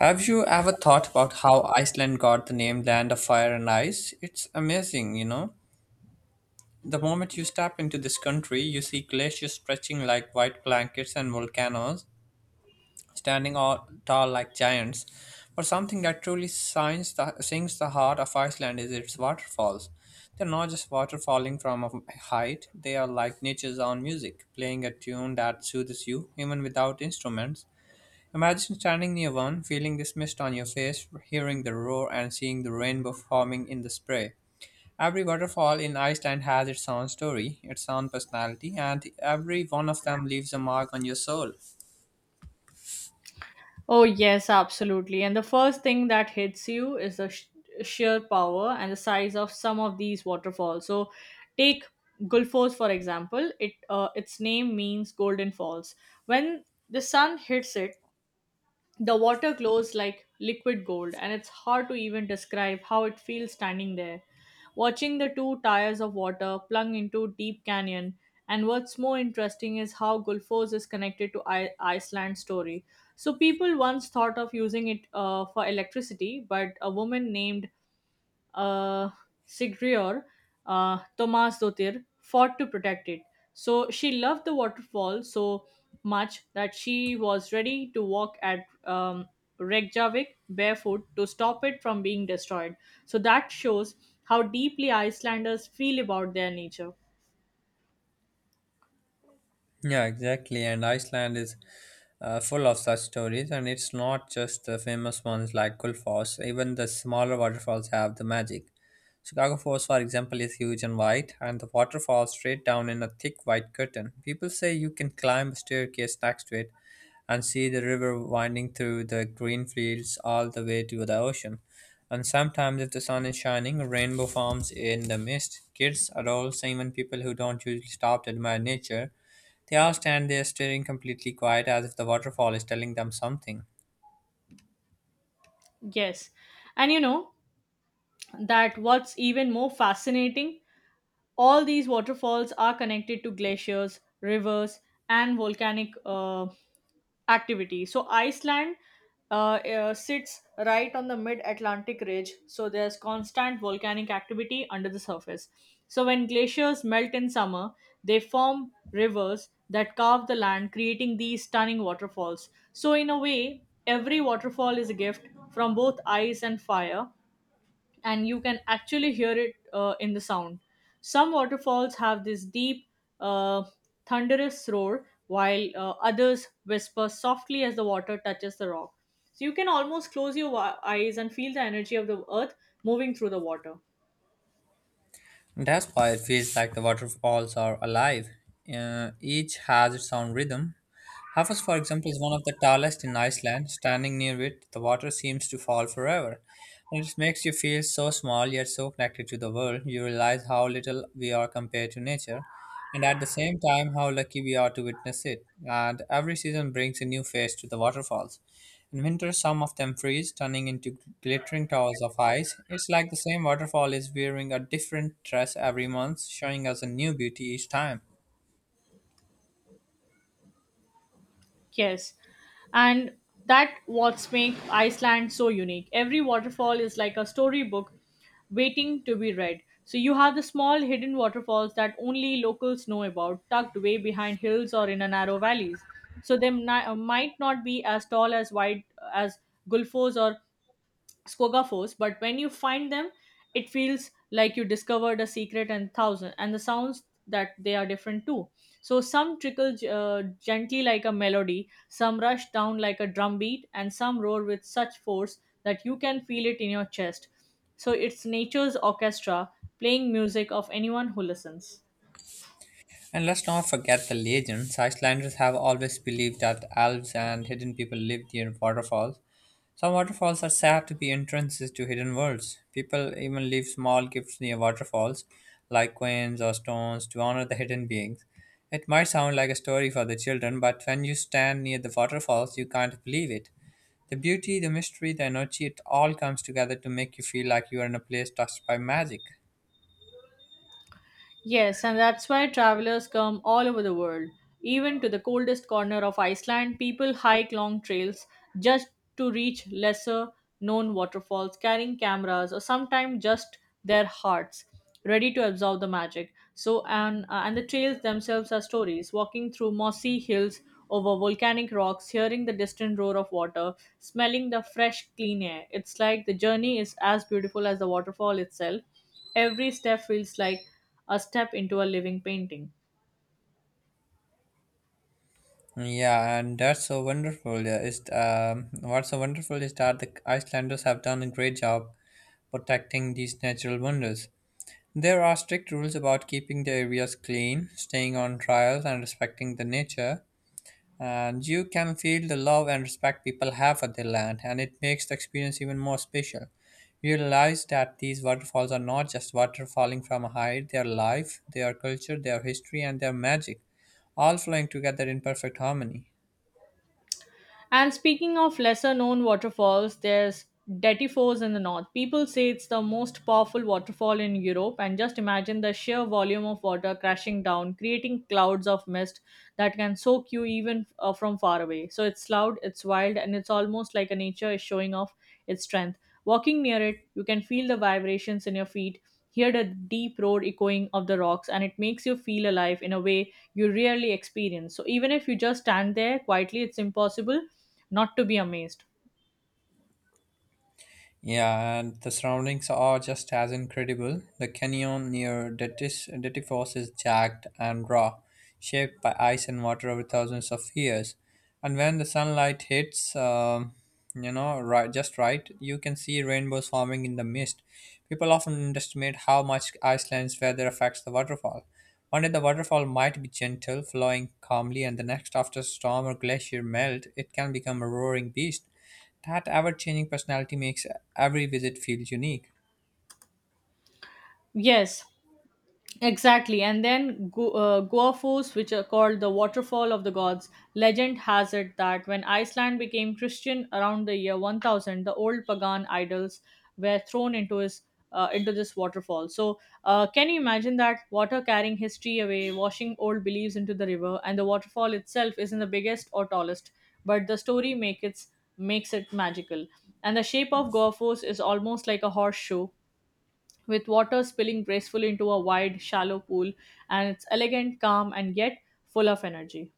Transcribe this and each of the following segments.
Have you ever thought about how Iceland got the name Land of Fire and Ice? It's amazing, you know. The moment you step into this country, you see glaciers stretching like white blankets and volcanoes standing all tall like giants. But something that truly sings the heart of Iceland is its waterfalls. They're not just water falling from a height, they are like nature's own music, playing a tune that soothes you even without instruments. Imagine standing near one, feeling the mist on your face, hearing the roar, and seeing the rainbow forming in the spray. Every waterfall in Iceland has its own story, its own personality, and every one of them leaves a mark on your soul. Oh, yes, absolutely. And the first thing that hits you is the sheer power and the size of some of these waterfalls. So, take Gulfos for example. It its name means golden falls. When the sun hits it, the water glows like liquid gold, and it's hard to even describe how it feels standing there watching the two tires of water plunge into deep canyon. And what's more interesting is how Gulfos is connected to Iceland's story. So people once thought of using it for electricity, but a woman named uh, Sigrior, Thomas Dottir, fought to protect it. So she loved the waterfall so much that she was ready to walk at Reykjavik barefoot to stop it from being destroyed. So that shows how deeply Icelanders feel about their nature. Yeah, exactly. And Iceland is full of such stories, and it's not just the famous ones like Gullfoss. Even the smaller waterfalls have the magic. Chicago Falls, for example, is huge and wide, and the water falls straight down in a thick white curtain. People say you can climb a staircase next to it and see the river winding through the green fields all the way to the ocean. And sometimes, if the sun is shining, a rainbow forms in the mist. Kids, adults, and even people who don't usually stop to admire nature, they all stand there staring completely quiet as if the waterfall is telling them something. Yes. And you know that what's even more fascinating, all these waterfalls are connected to glaciers, rivers, and volcanic activity. So Iceland sits right on the mid-Atlantic ridge, so there's constant volcanic activity under the surface. So when glaciers melt in summer, they form rivers that carve the land, creating these stunning waterfalls. So in a way, every waterfall is a gift from both ice and fire, and you can actually hear it in the sound. Some waterfalls have this deep, uh, thunderous roar, while others whisper softly as the water touches the rock. So you can almost close your eyes and feel the energy of the earth moving through the water. That's why it feels like the waterfalls are alive. Each has its own rhythm. Hafos, for example, is one of the tallest in Iceland. Standing near it, the water seems to fall forever. And it makes you feel so small yet so connected to the world. You realize how little we are compared to nature, and at the same time, how lucky we are to witness it. And every season brings a new face to the waterfalls. In winter, some of them freeze, turning into glittering towers of ice. It's like the same waterfall is wearing a different dress every month, showing us a new beauty each time. Yes. And that what's make Iceland so unique. Every waterfall is like a storybook waiting to be read. So you have the small hidden waterfalls that only locals know about, tucked way behind hills or in a narrow valleys. So they might not be as tall as wide as Gulfos or Skogafos, but when you find them, it feels like you discovered a secret and thousand, and the sounds that they are different too. So some trickle gently like a melody, some rush down like a drum beat, and some roar with such force that you can feel it in your chest. So it's nature's orchestra playing music of anyone who listens. And let's not forget the legends. Icelanders have always believed that elves and hidden people live near waterfalls. Some waterfalls are said to be entrances to hidden worlds. People even leave small gifts near waterfalls, like coins or stones, to honor the hidden beings. It might sound like a story for the children, but when you stand near the waterfalls, you can't believe it. The beauty, the mystery, the energy, it all comes together to make you feel like you are in a place touched by magic. Yes, and that's why travelers come all over the world. Even to the coldest corner of Iceland, people hike long trails just to reach lesser known waterfalls, carrying cameras or sometimes just their hearts, ready to absorb the magic. And the trails themselves are stories, walking through mossy hills over volcanic rocks, hearing the distant roar of water, smelling the fresh, clean air. It's like the journey is as beautiful as the waterfall itself. Every step feels like a step into a living painting. Yeah, and that's so wonderful. Yeah. Is What's so wonderful is that the Icelanders have done a great job protecting these natural wonders. There are strict rules about keeping the areas clean, staying on trials, and respecting the nature. And you can feel the love and respect people have for their land, and it makes the experience even more special. You realize that these waterfalls are not just water falling from a height. They are life, they are culture, they are history, and they are magic, all flowing together in perfect harmony. And speaking of lesser known waterfalls, there's Detty Falls in the north. People say it's the most powerful waterfall in Europe, and just imagine the sheer volume of water crashing down, creating clouds of mist that can soak you even from far away. So it's loud, it's wild, and it's almost like a nature is showing off its strength. Walking near it, you can feel the vibrations in your feet, hear the deep road echoing of the rocks, and it makes you feel alive in a way you rarely experience. So even if you just stand there quietly, it's impossible not to be amazed. Yeah, and the surroundings are just as incredible. The canyon near Detis, Detifos, is jagged and raw, shaped by ice and water over thousands of years. And when the sunlight hits, right, just right, you can see rainbows forming in the mist. People often underestimate how much Iceland's weather affects the waterfall. One day the waterfall might be gentle, flowing calmly, and the next, after storm or glacier melt, it can become a roaring beast. That ever changing personality makes every visit feel unique. Yes, exactly, and then Goafos, which are called the waterfall of the gods. Legend has it that when Iceland became Christian around the year 1000, the old pagan idols were thrown into his into this waterfall. So, can you imagine that water carrying history away, washing old beliefs into the river, and the waterfall itself isn't the biggest or tallest, but the story makes it magical. And the shape of Goafos is almost like a horseshoe, with water spilling gracefully into a wide, shallow pool, and it's elegant, calm, and yet full of energy.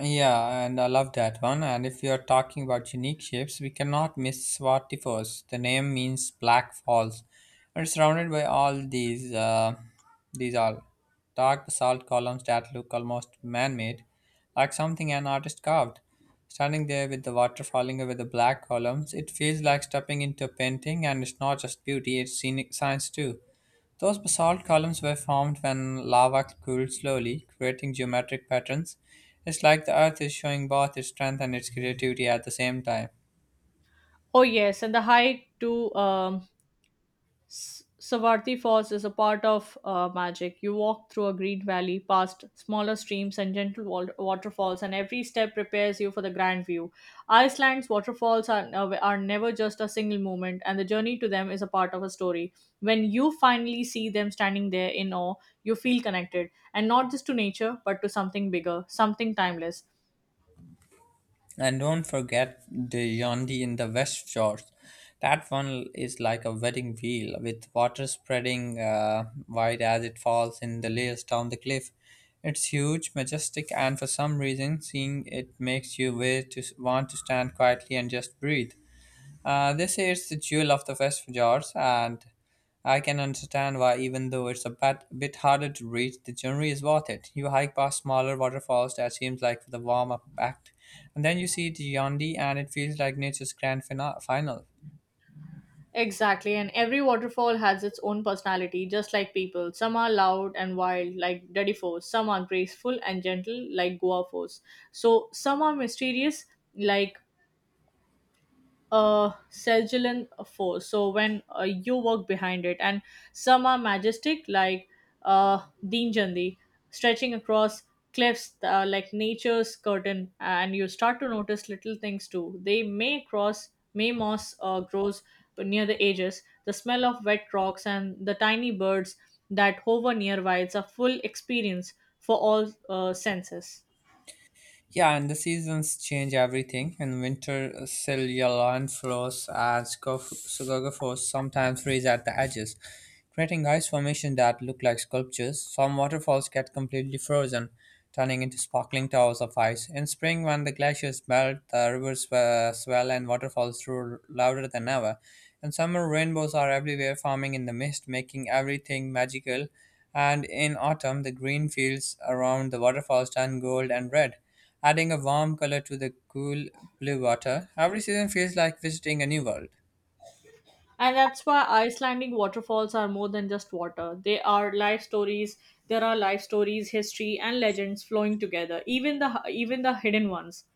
Yeah, and I love that one. And if we are talking about unique shapes, we cannot miss Swatifos. The name means black falls. We're surrounded by all these all dark basalt columns that look almost man-made, like something an artist carved. Standing there with the water falling over the black columns, it feels like stepping into a painting, and it's not just beauty; it's scenic science too. Those basalt columns were formed when lava cooled slowly, creating geometric patterns. It's like the earth is showing both its strength and its creativity at the same time. Oh yes, and the hike to Savarthi Falls is a part of magic. You walk through a green valley, past smaller streams and gentle waterfalls, and every step prepares you for the grand view. Iceland's waterfalls are never just a single moment, and the journey to them is a part of a story. When you finally see them standing there in awe, you feel connected, and not just to nature, but to something bigger, something timeless. And don't forget the Yondi in the West Shores. That one is like a wedding wheel with water spreading wide as it falls in the layers down the cliff. It's huge, majestic, and for some reason, seeing it makes you way to want to stand quietly and just breathe. They say it's the jewel of the West Fjords, and I can understand why. Even though it's a bit harder to reach, the journey is worth it. You hike past smaller waterfalls that seems like the warm up act, and then you see the Yandi, and it feels like nature's grand final. Exactly, and every waterfall has its own personality, just like people. Some are loud and wild, like Daddy Force. Some are graceful and gentle, like Goa Force. So some are mysterious, like Seljulian force. So when you work behind it, and some are majestic, like uh, Deenjandi, stretching across cliffs like nature's curtain, and you start to notice little things too. May moss grows near the edges. The smell of wet rocks and the tiny birds that hover nearby. It's a full experience for all senses. Yeah, and the seasons change everything. In winter, Silurian flows as scogophores sometimes freeze at the edges, creating ice formations that look like sculptures. Some waterfalls get completely frozen, turning into sparkling towers of ice. In spring, when the glaciers melt, the rivers swell and waterfalls roar louder than ever. In summer, rainbows are everywhere, forming in the mist, making everything magical. And in autumn, the green fields around the waterfalls turn gold and red, adding a warm color to the cool blue water. Every season feels like visiting a new world. And that's why Icelandic waterfalls are more than just water. They are life stories. There are life stories, history, and legends flowing together. Even the hidden ones.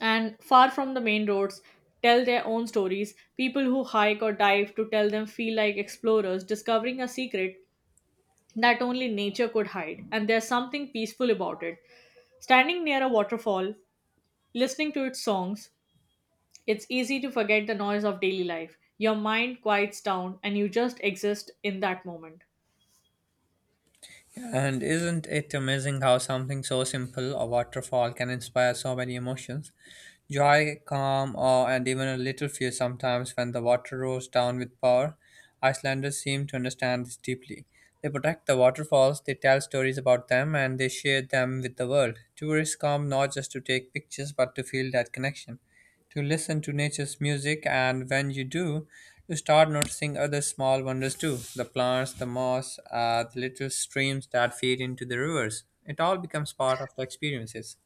And far from the main roads, tell their own stories. People who hike or dive to tell them feel like explorers discovering a secret that only nature could hide. And there's something peaceful about it. Standing near a waterfall, listening to its songs, it's easy to forget the noise of daily life. Your mind quiets down and you just exist in that moment. And isn't it amazing how something so simple, a waterfall, can inspire so many emotions? Joy, calm, awe, and even a little fear sometimes when the water roars down with power. Icelanders seem to understand this deeply. They protect the waterfalls, they tell stories about them, and they share them with the world. Tourists come not just to take pictures but to feel that connection, to listen to nature's music. And when you do, you start noticing other small wonders too: the plants, the moss, the little streams that feed into the rivers. It all becomes part of the experiences.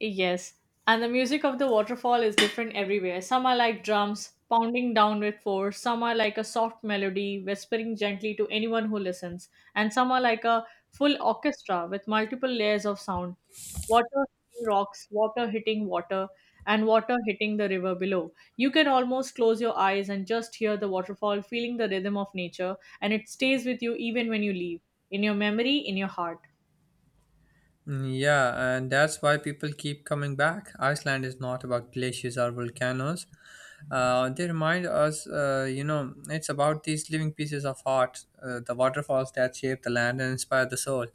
Yes, and the music of the waterfall is different everywhere. Some are like drums pounding down with force, some are like a soft melody whispering gently to anyone who listens, and some are like a full orchestra with multiple layers of sound. Water hitting rocks, water hitting water, and water hitting the river below. You can almost close your eyes and just hear the waterfall, feeling the rhythm of nature, and it stays with you even when you leave, in your memory, in your heart. Mm, yeah, and that's why people keep coming back. Iceland is not about glaciers or volcanoes. They remind us, you know, it's about these living pieces of art, the waterfalls that shape the land and inspire the soul.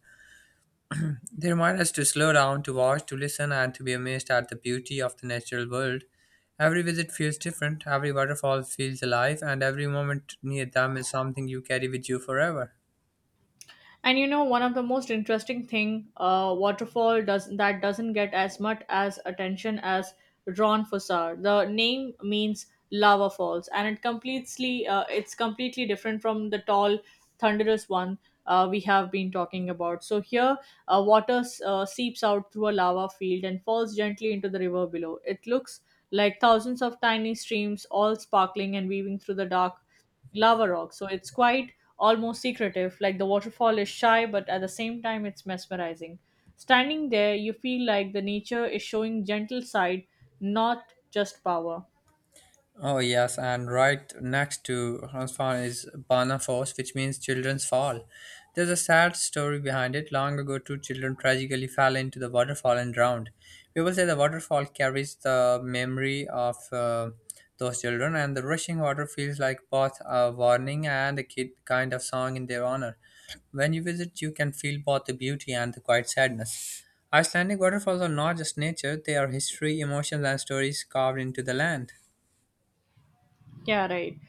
They remind us to slow down, to watch, to listen, and to be amazed at the beauty of the natural world. Every visit feels different, every waterfall feels alive, and every moment near them is something you carry with you forever. And you know, one of the most interesting thing, waterfall does that doesn't get as much as attention as Ron. The name means lava falls, and it completely it's completely different from the tall, thunderous one we have been talking about. So here, water seeps out through a lava field and falls gently into the river below. It looks like thousands of tiny streams, all sparkling and weaving through the dark lava rock. So it's quite almost secretive. Like the waterfall is shy, but at the same time, it's mesmerizing. Standing there, you feel like the nature is showing gentle side, not just power. Oh yes, and right next to Hansfall is Banafoss, which means children's fall. There's a sad story behind it. Long ago, two children tragically fell into the waterfall and drowned. People say the waterfall carries the memory of those children, and the rushing water feels like both a warning and a kid kind of song in their honor. When you visit, you can feel both the beauty and the quiet sadness. Icelandic waterfalls are not just nature; they are history, emotions, and stories carved into the land. Yeah, right.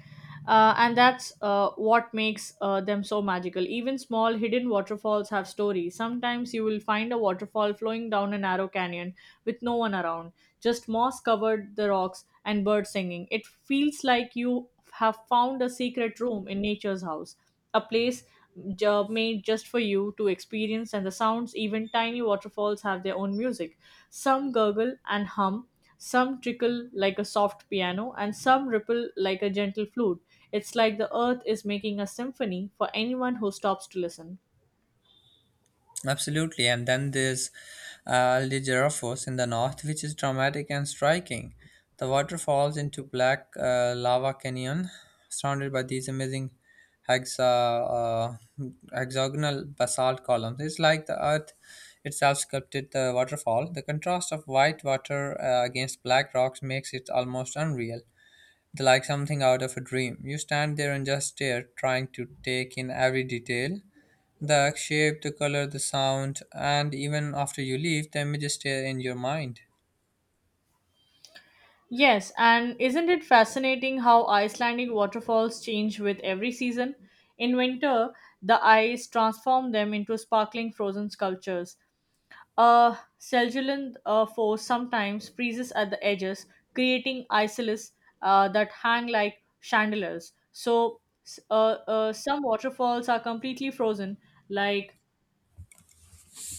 And that's what makes them so magical. Even small hidden waterfalls have stories. Sometimes you will find a waterfall flowing down a narrow canyon with no one around, just moss covered the rocks and birds singing. It feels like you have found a secret room in nature's house, a place made just for you to experience, and the sounds, even tiny waterfalls, have their own music. Some gurgle and hum, some trickle like a soft piano, and some ripple like a gentle flute. It's like the earth is making a symphony for anyone who stops to listen. Absolutely, and then there's Ligeraphos in the north, which is dramatic and striking. The water falls into black lava canyon, surrounded by these amazing hexa, uh, hexagonal basalt columns. It's like the earth itself sculpted the waterfall. The contrast of white water against black rocks makes it almost unreal. They're like something out of a dream. You stand there and just stare, trying to take in every detail. The shape, the color, the sound, and even after you leave, the images stay in your mind. Yes, and isn't it fascinating how Icelandic waterfalls change with every season? In winter, the ice transforms them into sparkling frozen sculptures. Cellulant force sometimes freezes at the edges, creating isolates that hang like chandeliers. Some waterfalls are completely frozen, like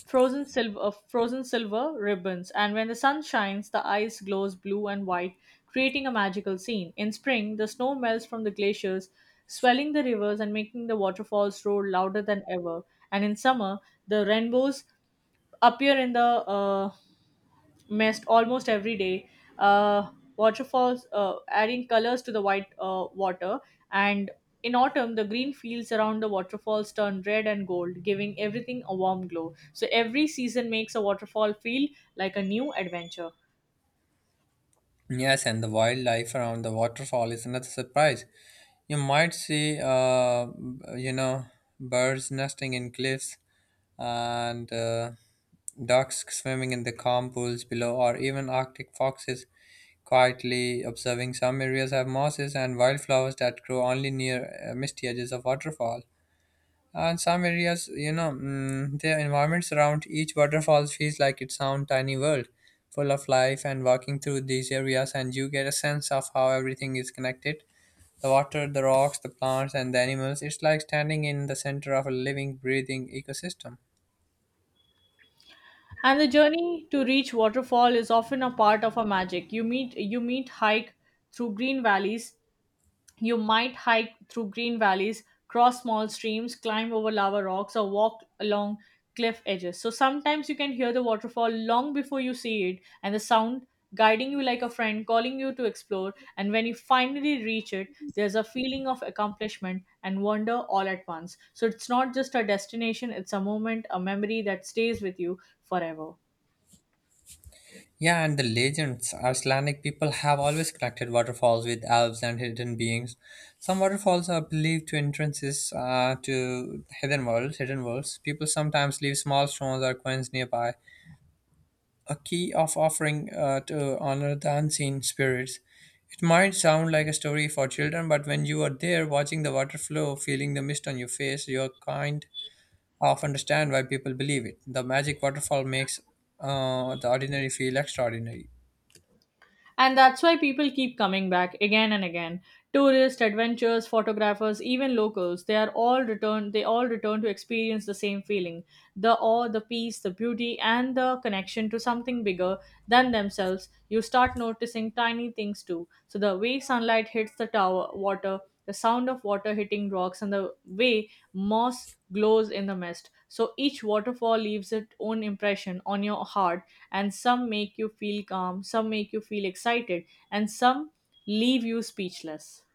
frozen silver ribbons. And when the sun shines, the ice glows blue and white, creating a magical scene. In spring, the snow melts from the glaciers, swelling the rivers and making the waterfalls roar louder than ever. And in summer, the rainbows appear in the mist almost every day. Uh, waterfalls adding colors to the white water, and in autumn, the green fields around the waterfalls turn red and gold, giving everything a warm glow. So every season makes a waterfall feel like a new adventure. Yes, and the wildlife around the waterfall is another surprise. You might see, you know, birds nesting in cliffs and ducks swimming in the calm pools below, or even Arctic foxes quietly observing. Some areas have mosses and wildflowers that grow only near misty edges of waterfalls. And some areas, the environments around each waterfall feels like its own tiny world, full of life. And walking through these areas, and you get a sense of how everything is connected: the water, the rocks, the plants, and the animals. It's like standing in the center of a living, breathing ecosystem. And the journey to reach waterfall is often a part of a magic. Through green valleys You might hike through green valleys, cross small streams, climb over lava rocks, or walk along cliff edges. So sometimes you can hear the waterfall long before you see it, and the sound guiding you like a friend, calling you to explore. And when you finally reach it, there's a feeling of accomplishment and wonder all at once. So it's not just a destination, it's a moment, a memory that stays with you forever. Yeah, and the legends. Icelandic people have always connected waterfalls with elves and hidden beings. Some waterfalls are believed to entrances to hidden worlds. Hidden worlds. People sometimes leave small stones or coins nearby, a key of offering to honor the unseen spirits. It might sound like a story for children, but when you are there watching the water flow, feeling the mist on your face, you're kind of understand why people believe it. The magic waterfall makes the ordinary feel extraordinary. And that's why people keep coming back again and again. Tourists, adventurers, photographers, even locals, they all return to experience the same feeling. The awe, the peace, the beauty, and the connection to something bigger than themselves. You start noticing tiny things too. So the way sunlight hits the tower water, the sound of water hitting rocks, and the way moss glows in the mist. So each waterfall leaves its own impression on your heart, and some make you feel calm, some make you feel excited, and some leave you speechless.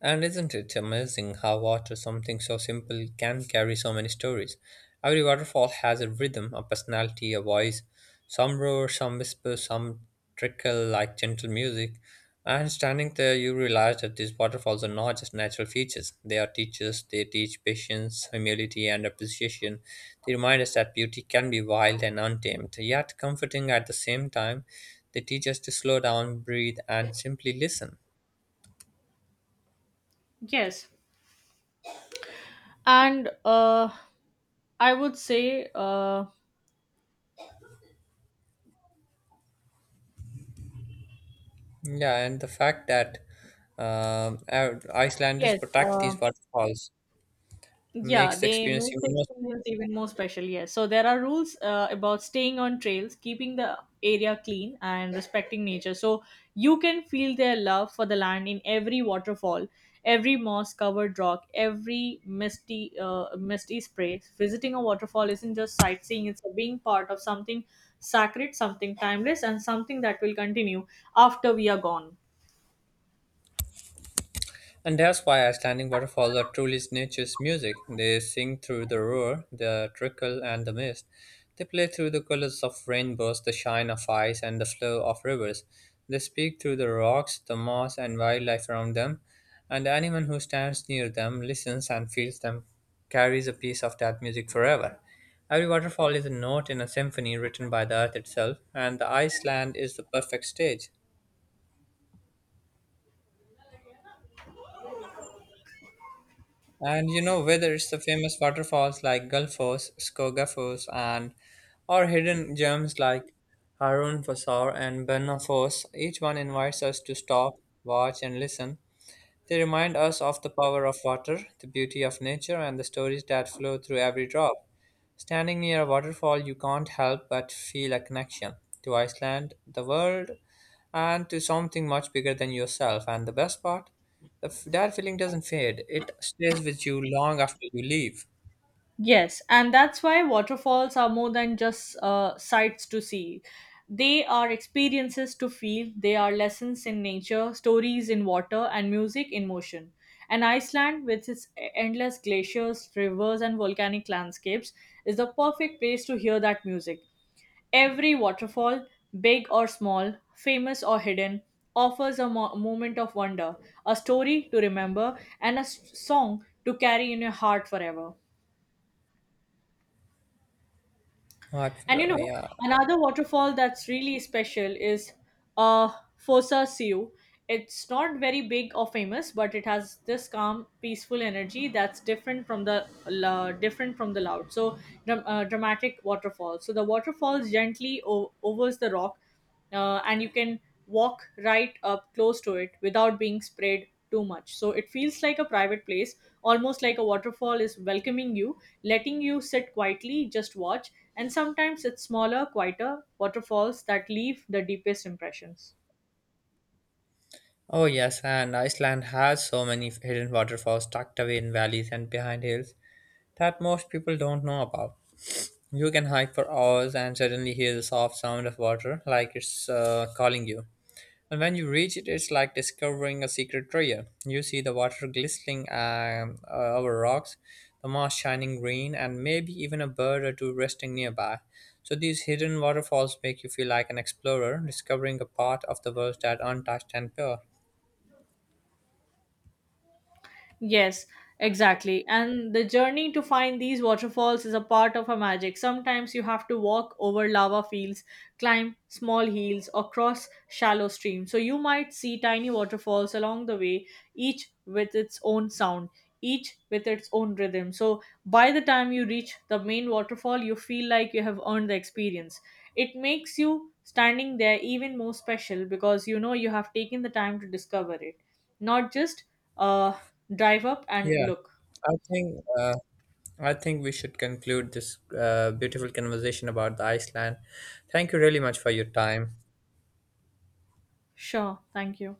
And isn't it amazing how water, something so simple, can carry so many stories? Every waterfall has a rhythm, a personality, a voice. Some roar, some whisper, some trickle like gentle music. And standing there, you realize that these waterfalls are not just natural features. They are teachers. They teach patience, humility, and appreciation. They remind us that beauty can be wild and untamed, yet comforting at the same time. They teach us to slow down, breathe, and simply listen. Yes, and I would say Yeah, and the fact that um, Icelanders yes. protect these waterfalls yeah, makes the they experience make the even more. experience even more special. Yes. So there are rules about staying on trails, keeping the area clean, and respecting nature. So you can feel their love for the land in every waterfall, every moss-covered rock, every misty spray. Visiting a waterfall isn't just sightseeing; it's being part of something sacred, something timeless, and something that will continue after we are gone. And that's why Icelandic waterfalls are truly nature's music. They sing through the roar, the trickle, and the mist. They play through the colors of rainbows, the shine of ice, and the flow of rivers. They speak through the rocks, the moss, and wildlife around them. And anyone who stands near them, listens, and feels them carries a piece of that music forever. Every waterfall is a note in a symphony written by the earth itself, and the Iceland is the perfect stage. And you know, whether it's the famous waterfalls like Gulfos, Skogafos, and or hidden gems like Harun Fossar and Berna Foss, each one invites us to stop, watch, and listen. They remind us of the power of water, the beauty of nature, and the stories that flow through every drop. Standing near a waterfall, you can't help but feel a connection to Iceland, the world, and to something much bigger than yourself. And the best part, that feeling doesn't fade, it stays with you long after you leave. Yes, and that's why waterfalls are more than just sights to see. They are experiences to feel, they are lessons in nature, stories in water, and music in motion. And Iceland, with its endless glaciers, rivers, and volcanic landscapes, is the perfect place to hear that music. Every waterfall, big or small, famous or hidden, offers a moment of wonder, a story to remember, and a song to carry in your heart forever. Not And you for, know, yeah. another waterfall that's really special is uh, Fossa Siu. It's not very big or famous, but it has this calm, peaceful energy that's different from the different from the loud. So dramatic waterfall. So the waterfalls gently overs the rock, and you can walk right up close to it without being sprayed too much. So it feels like a private place, almost like a waterfall is welcoming you, letting you sit quietly, just watch. And sometimes it's smaller, quieter waterfalls that leave the deepest impressions. Oh, yes, and Iceland has so many hidden waterfalls tucked away in valleys and behind hills that most people don't know about. You can hike for hours and suddenly hear the soft sound of water like it's calling you. And when you reach it, it's like discovering a secret treasure. You see the water glistening over rocks, the moss shining green, and maybe even a bird or two resting nearby. So these hidden waterfalls make you feel like an explorer, discovering a part of the world that untouched and pure. Yes, exactly. And the journey to find these waterfalls is a part of a magic. Sometimes you have to walk over lava fields, climb small hills, or cross shallow streams. So you might see tiny waterfalls along the way, each with its own sound, each with its own rhythm. So by the time you reach the main waterfall, you feel like you have earned the experience. It makes you standing there even more special because you know you have taken the time to discover it, not just uh, drive up and Yeah, look. I think uh, I think we should conclude this beautiful conversation about the Iceland. Thank you really much for your time. Sure, thank you.